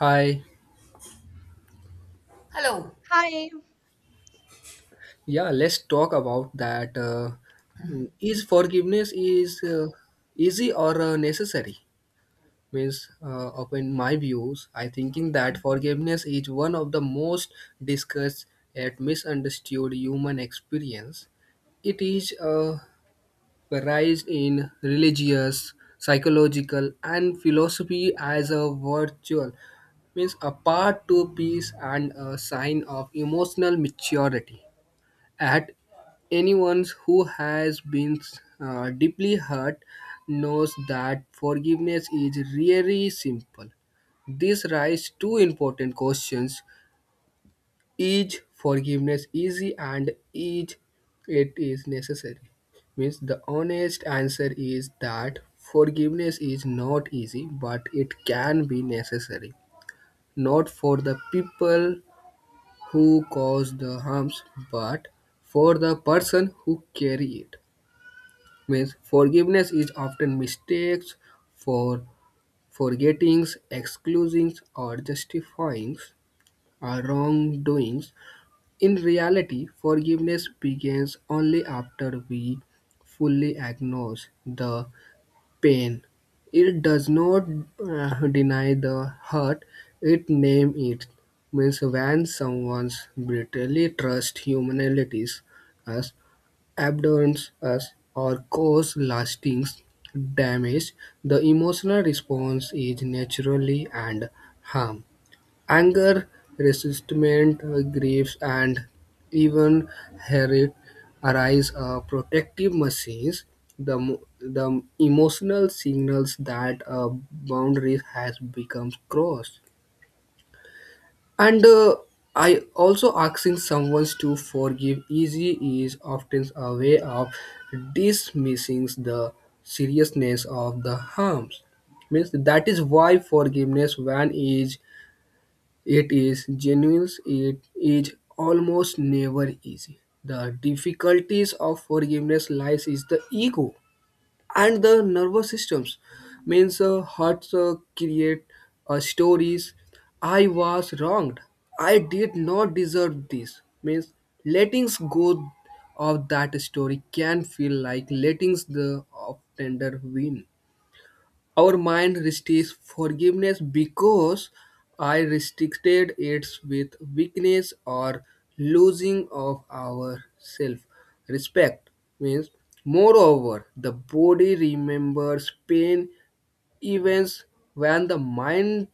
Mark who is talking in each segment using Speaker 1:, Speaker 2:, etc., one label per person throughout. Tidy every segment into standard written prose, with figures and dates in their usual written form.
Speaker 1: Hi.
Speaker 2: Hello.
Speaker 3: Hi.
Speaker 1: Yeah, let's talk about that. Is forgiveness is easy or necessary? Means, upon my views, I thinking that forgiveness is one of the most discussed and misunderstood human experience. It is prized in religious, psychological, and philosophy as a virtual means a part to peace and a sign of emotional maturity at anyone who has been deeply hurt knows that forgiveness is really simple. This raises two important questions. Is forgiveness easy and is it is necessary? Means the honest answer is that forgiveness is not easy, but it can be necessary. Not for the people who caused the harms, but for the person who carry it. Means forgiveness is often mistakes for forgettings, excusing, or justifying our wrongdoings. In reality, forgiveness begins only after we fully acknowledge the pain. It does not deny the hurt, it name it. Means when someone brutally trusts humanities as abandons us or cause lasting damage, the emotional response is naturally and harm. Anger, resentment, griefs, and even hatred arise as protective machines, the emotional signals that a boundary has become crossed. And I also asking someone to forgive easy is often a way of dismissing the seriousness of the harms. Means that is why forgiveness when is it is genuine, it is almost never easy. The difficulties of forgiveness lies is the ego and the nervous systems. Means hurts create stories. I was wronged. I did not deserve this. Means letting go of that story can feel like letting the offender win. Our mind resists forgiveness because I restricted it with weakness or losing of our self respect. Means, moreover, the body remembers pain events when the mind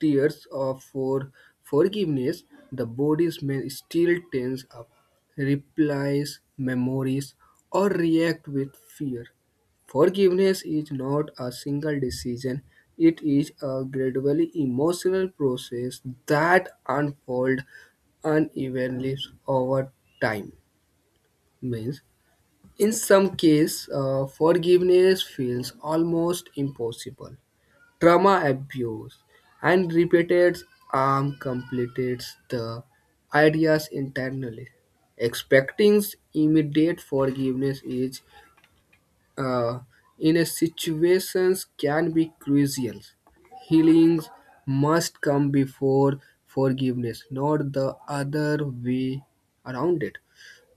Speaker 1: tears of forgiveness, the bodies may still tense up, replies, memories, or react with fear. Forgiveness is not a single decision, it is a gradually emotional process that unfolds unevenly over time. Means, in some cases, forgiveness feels almost impossible trauma abuse, and repeated harm completes the ideas internally. Expecting immediate forgiveness is, uh, in a situations can be crucial. Healings must come before forgiveness, not the other way around it.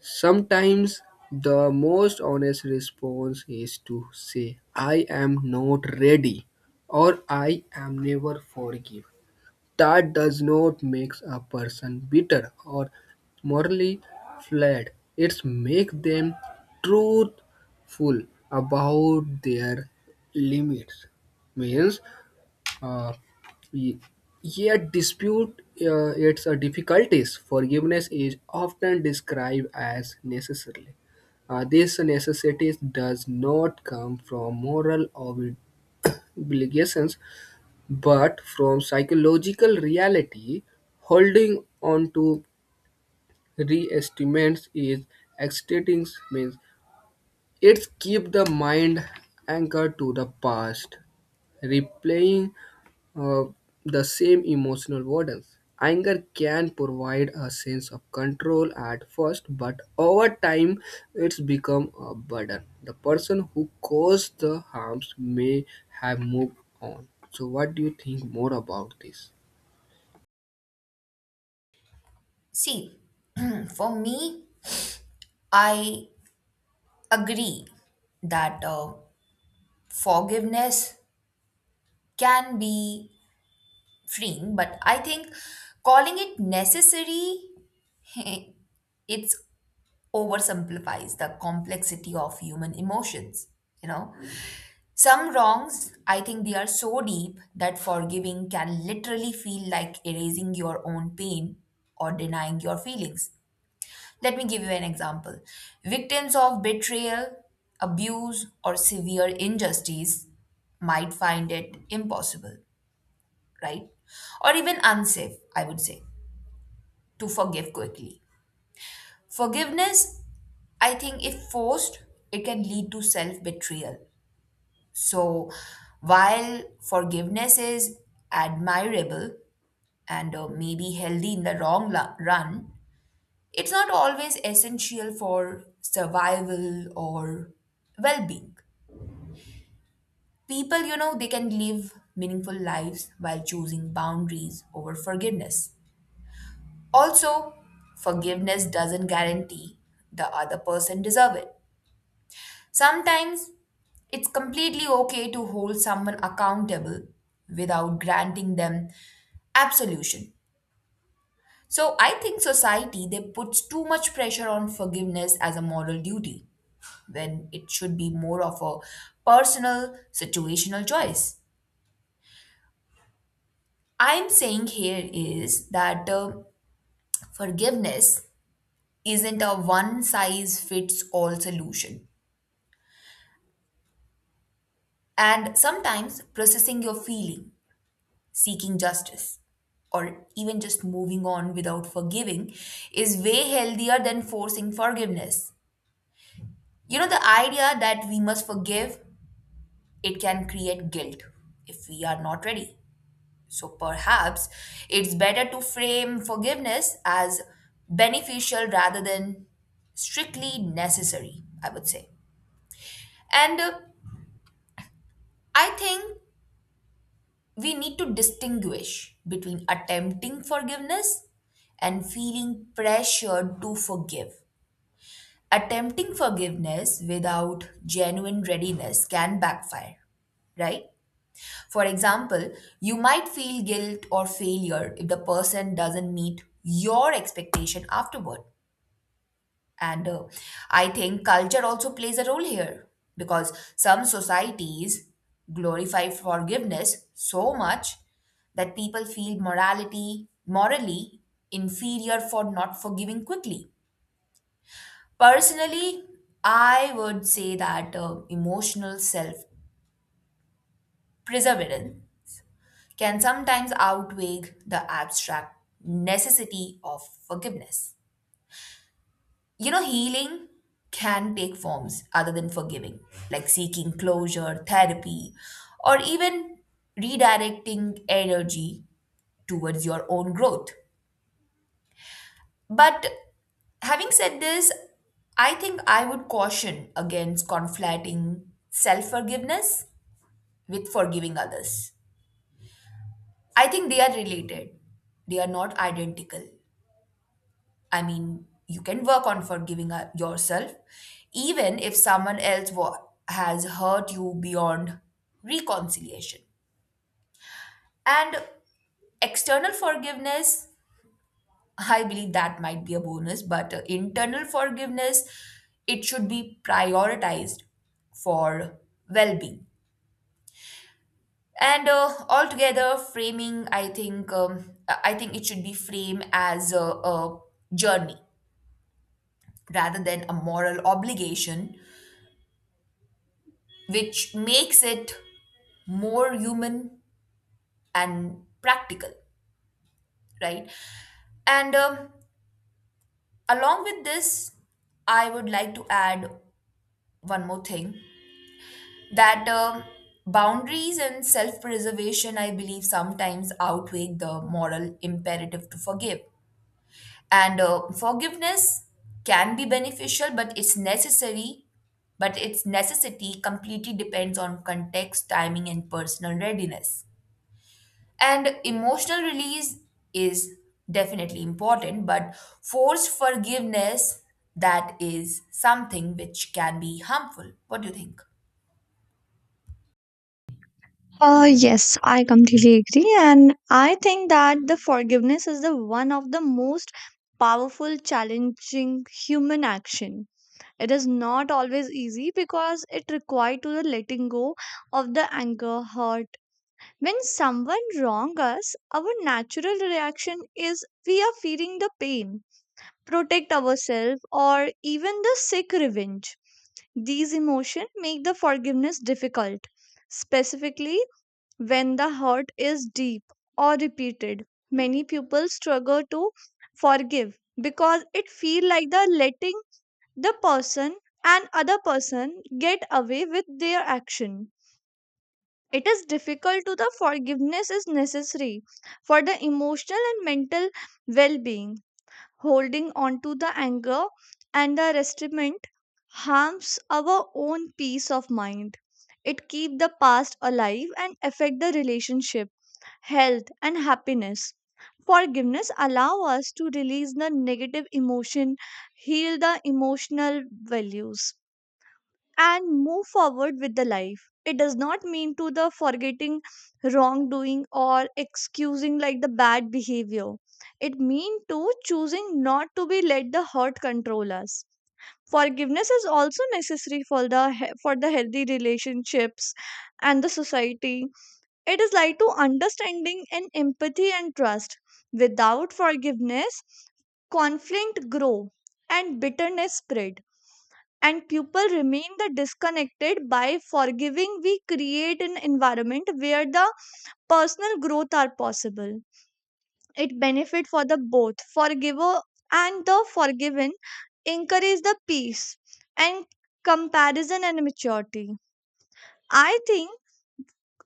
Speaker 1: Sometimes the most honest response is to say, I am not ready or I am never forgive. That does not make a person bitter or morally flawed. It makes them truthful about their limits. Means uh, y- yet dispute its difficulties. Forgiveness is often described as necessary. This necessity does not come from moral obligations, but from psychological reality. Holding on to re-estimates is extending means it's keep the mind anchored to the past, replaying uh, the same emotional burdens. Anger can provide a sense of control at first, but over time it's become a burden. The person who caused the harms may have moved on. So, what do you think more about this?
Speaker 2: See, for me, I agree that forgiveness can be freeing, but I think calling it necessary, it's oversimplifies the complexity of human emotions. You know, some wrongs, I think they are so deep that forgiving can literally feel like erasing your own pain or denying your feelings. Let me give you an example. Victims of betrayal, abuse, or severe injustice might find it impossible, right? Or even unsafe, I would say, to forgive quickly. Forgiveness, I think, if forced, it can lead to self betrayal. So, while forgiveness is admirable and maybe healthy in the long run, it's not always essential for survival or well being. People, you know, they can live meaningful lives while choosing boundaries over forgiveness. Also, forgiveness doesn't guarantee the other person deserve it. Sometimes it's completely okay to hold someone accountable without granting them absolution. So I think society they puts too much pressure on forgiveness as a moral duty, when it should be more of a personal, situational choice. I'm saying here is that forgiveness isn't a one size fits all solution. And sometimes processing your feeling, seeking justice, or even just moving on without forgiving is way healthier than forcing forgiveness. You know, the idea that we must forgive, it can create guilt if we are not ready. So perhaps it's better to frame forgiveness as beneficial rather than strictly necessary, I would say. And I think we need to distinguish between attempting forgiveness and feeling pressured to forgive. Attempting forgiveness without genuine readiness can backfire, right? For example, you might feel guilt or failure if the person doesn't meet your expectation afterward. And I think culture also plays a role here because some societies glorify forgiveness so much that people feel morality morally inferior for not forgiving quickly. Personally, I would say that emotional self preservation can sometimes outweigh the abstract necessity of forgiveness. You know, healing can take forms other than forgiving, like seeking closure, therapy, or even redirecting energy towards your own growth. But having said this, I think I would caution against conflating self forgiveness with forgiving others. I think they are related, they are not identical. I mean, you can work on forgiving yourself, even if someone else has hurt you beyond reconciliation. And external forgiveness, I believe that might be a bonus, but internal forgiveness, it should be prioritized for well-being. And altogether, framing, I think it should be framed as a journey rather than a moral obligation which makes it more human and practical, right? And along with this, I would like to add one more thing that boundaries and self preservation, I believe, sometimes outweigh the moral imperative to forgive. And forgiveness can be beneficial, but it's necessary. But its necessity completely depends on context, timing, and personal readiness. And emotional release is definitely important, but forced forgiveness, that is something which can be harmful. What do you think?
Speaker 3: Yes, I completely agree. And I think that the forgiveness is the one of the most powerful, challenging human action. It is not always easy because it requires to the letting go of the anger, hurt. When someone wrong us, our natural reaction is we are feeling the pain, protect ourselves, or even the sick revenge. These emotions make the forgiveness difficult. Specifically, when the hurt is deep or repeated. Many people struggle to forgive because it feel like the letting the person and other person get away with their action. It is difficult to the forgiveness is necessary for the emotional and mental well-being. Holding on to the anger and the resentment harms our own peace of mind. It keep the past alive and affect the relationship health, and happiness. Forgiveness allow us to release the negative emotion, heal the emotional values, and move forward with the life. It does not mean to the forgetting wrongdoing or excusing like the bad behavior. It mean to choosing not to be let the hurt control us. Forgiveness is also necessary for for the healthy relationships and the society, it is like to understanding and empathy and trust. Without forgiveness, conflict grow and bitterness spread. And people remain the disconnected by forgiving. We create an environment where the personal growth are possible. It benefit for the both forgiver and the forgiven. Encourage the peace and comparison and maturity. I think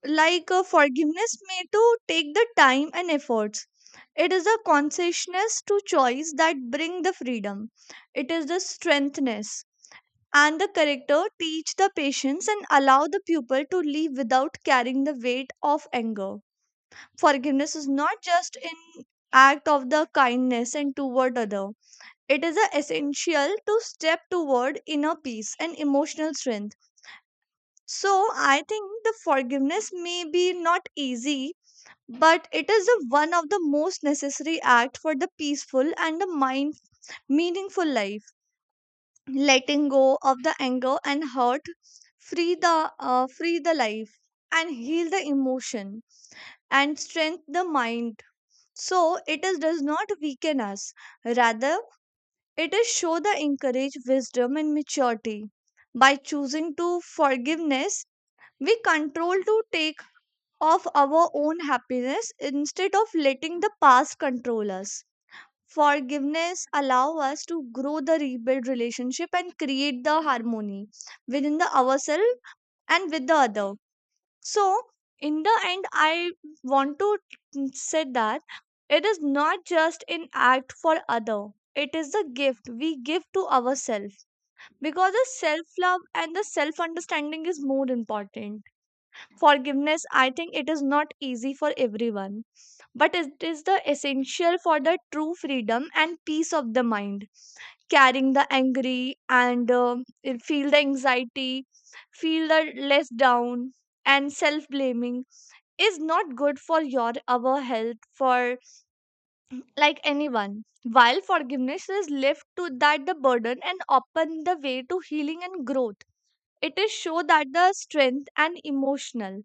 Speaker 3: like forgiveness may to take the time and efforts. It is a consciousness to choice that bring the freedom. It is the strengthness and the character teach the patience and allow the pupil to live without carrying the weight of anger. Forgiveness is not just an act of the kindness and toward other. It is a essential to step toward inner peace and emotional strength. So I think the forgiveness may be not easy, but it is the one of the most necessary act for the peaceful and the mind meaningful life. Letting go of the anger and hurt, free the free the life and heal the emotion and strengthen the mind. So it is does not weaken us, rather it is show the encourage wisdom and maturity. By choosing to forgiveness, we control to take of our own happiness instead of letting the past control us. Forgiveness allow us to grow the rebuild relationship and create the harmony within the ourselves and with the other. So, in the end, I want to say that it is not just an act for other, it is the gift we give to ourselves, because the self love and the self understanding is more important. Forgiveness, I think, it is not easy for everyone, but it is the essential for the true freedom and peace of the mind. Carrying the angry and it feel the anxiety, feel the less down and self blaming is not good for your our health for like anyone, while forgiveness is left to that the burden and open the way to healing and growth. It is show that the strength and emotional,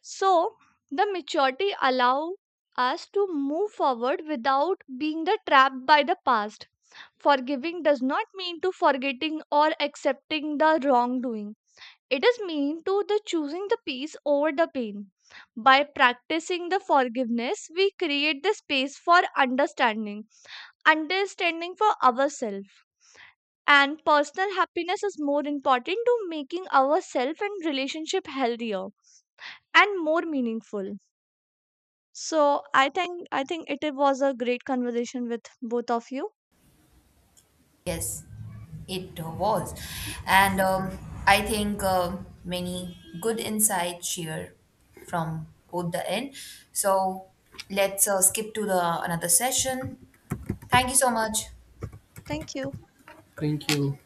Speaker 3: so the maturity allow us to move forward without being the trapped by the past. Forgiving does not mean to forgetting or accepting the wrongdoing. It is mean to the choosing the peace over the pain. By practicing the forgiveness, we create the space for understanding, understanding for ourselves. And personal happiness is more important to making ourselves and relationship healthier and more meaningful. So I think it was a great conversation with both of you.
Speaker 2: Yes, it was. And I think many good insights here from both the end. So let's skip to the another session. Thank you so much.
Speaker 3: Thank you.
Speaker 1: Thank you.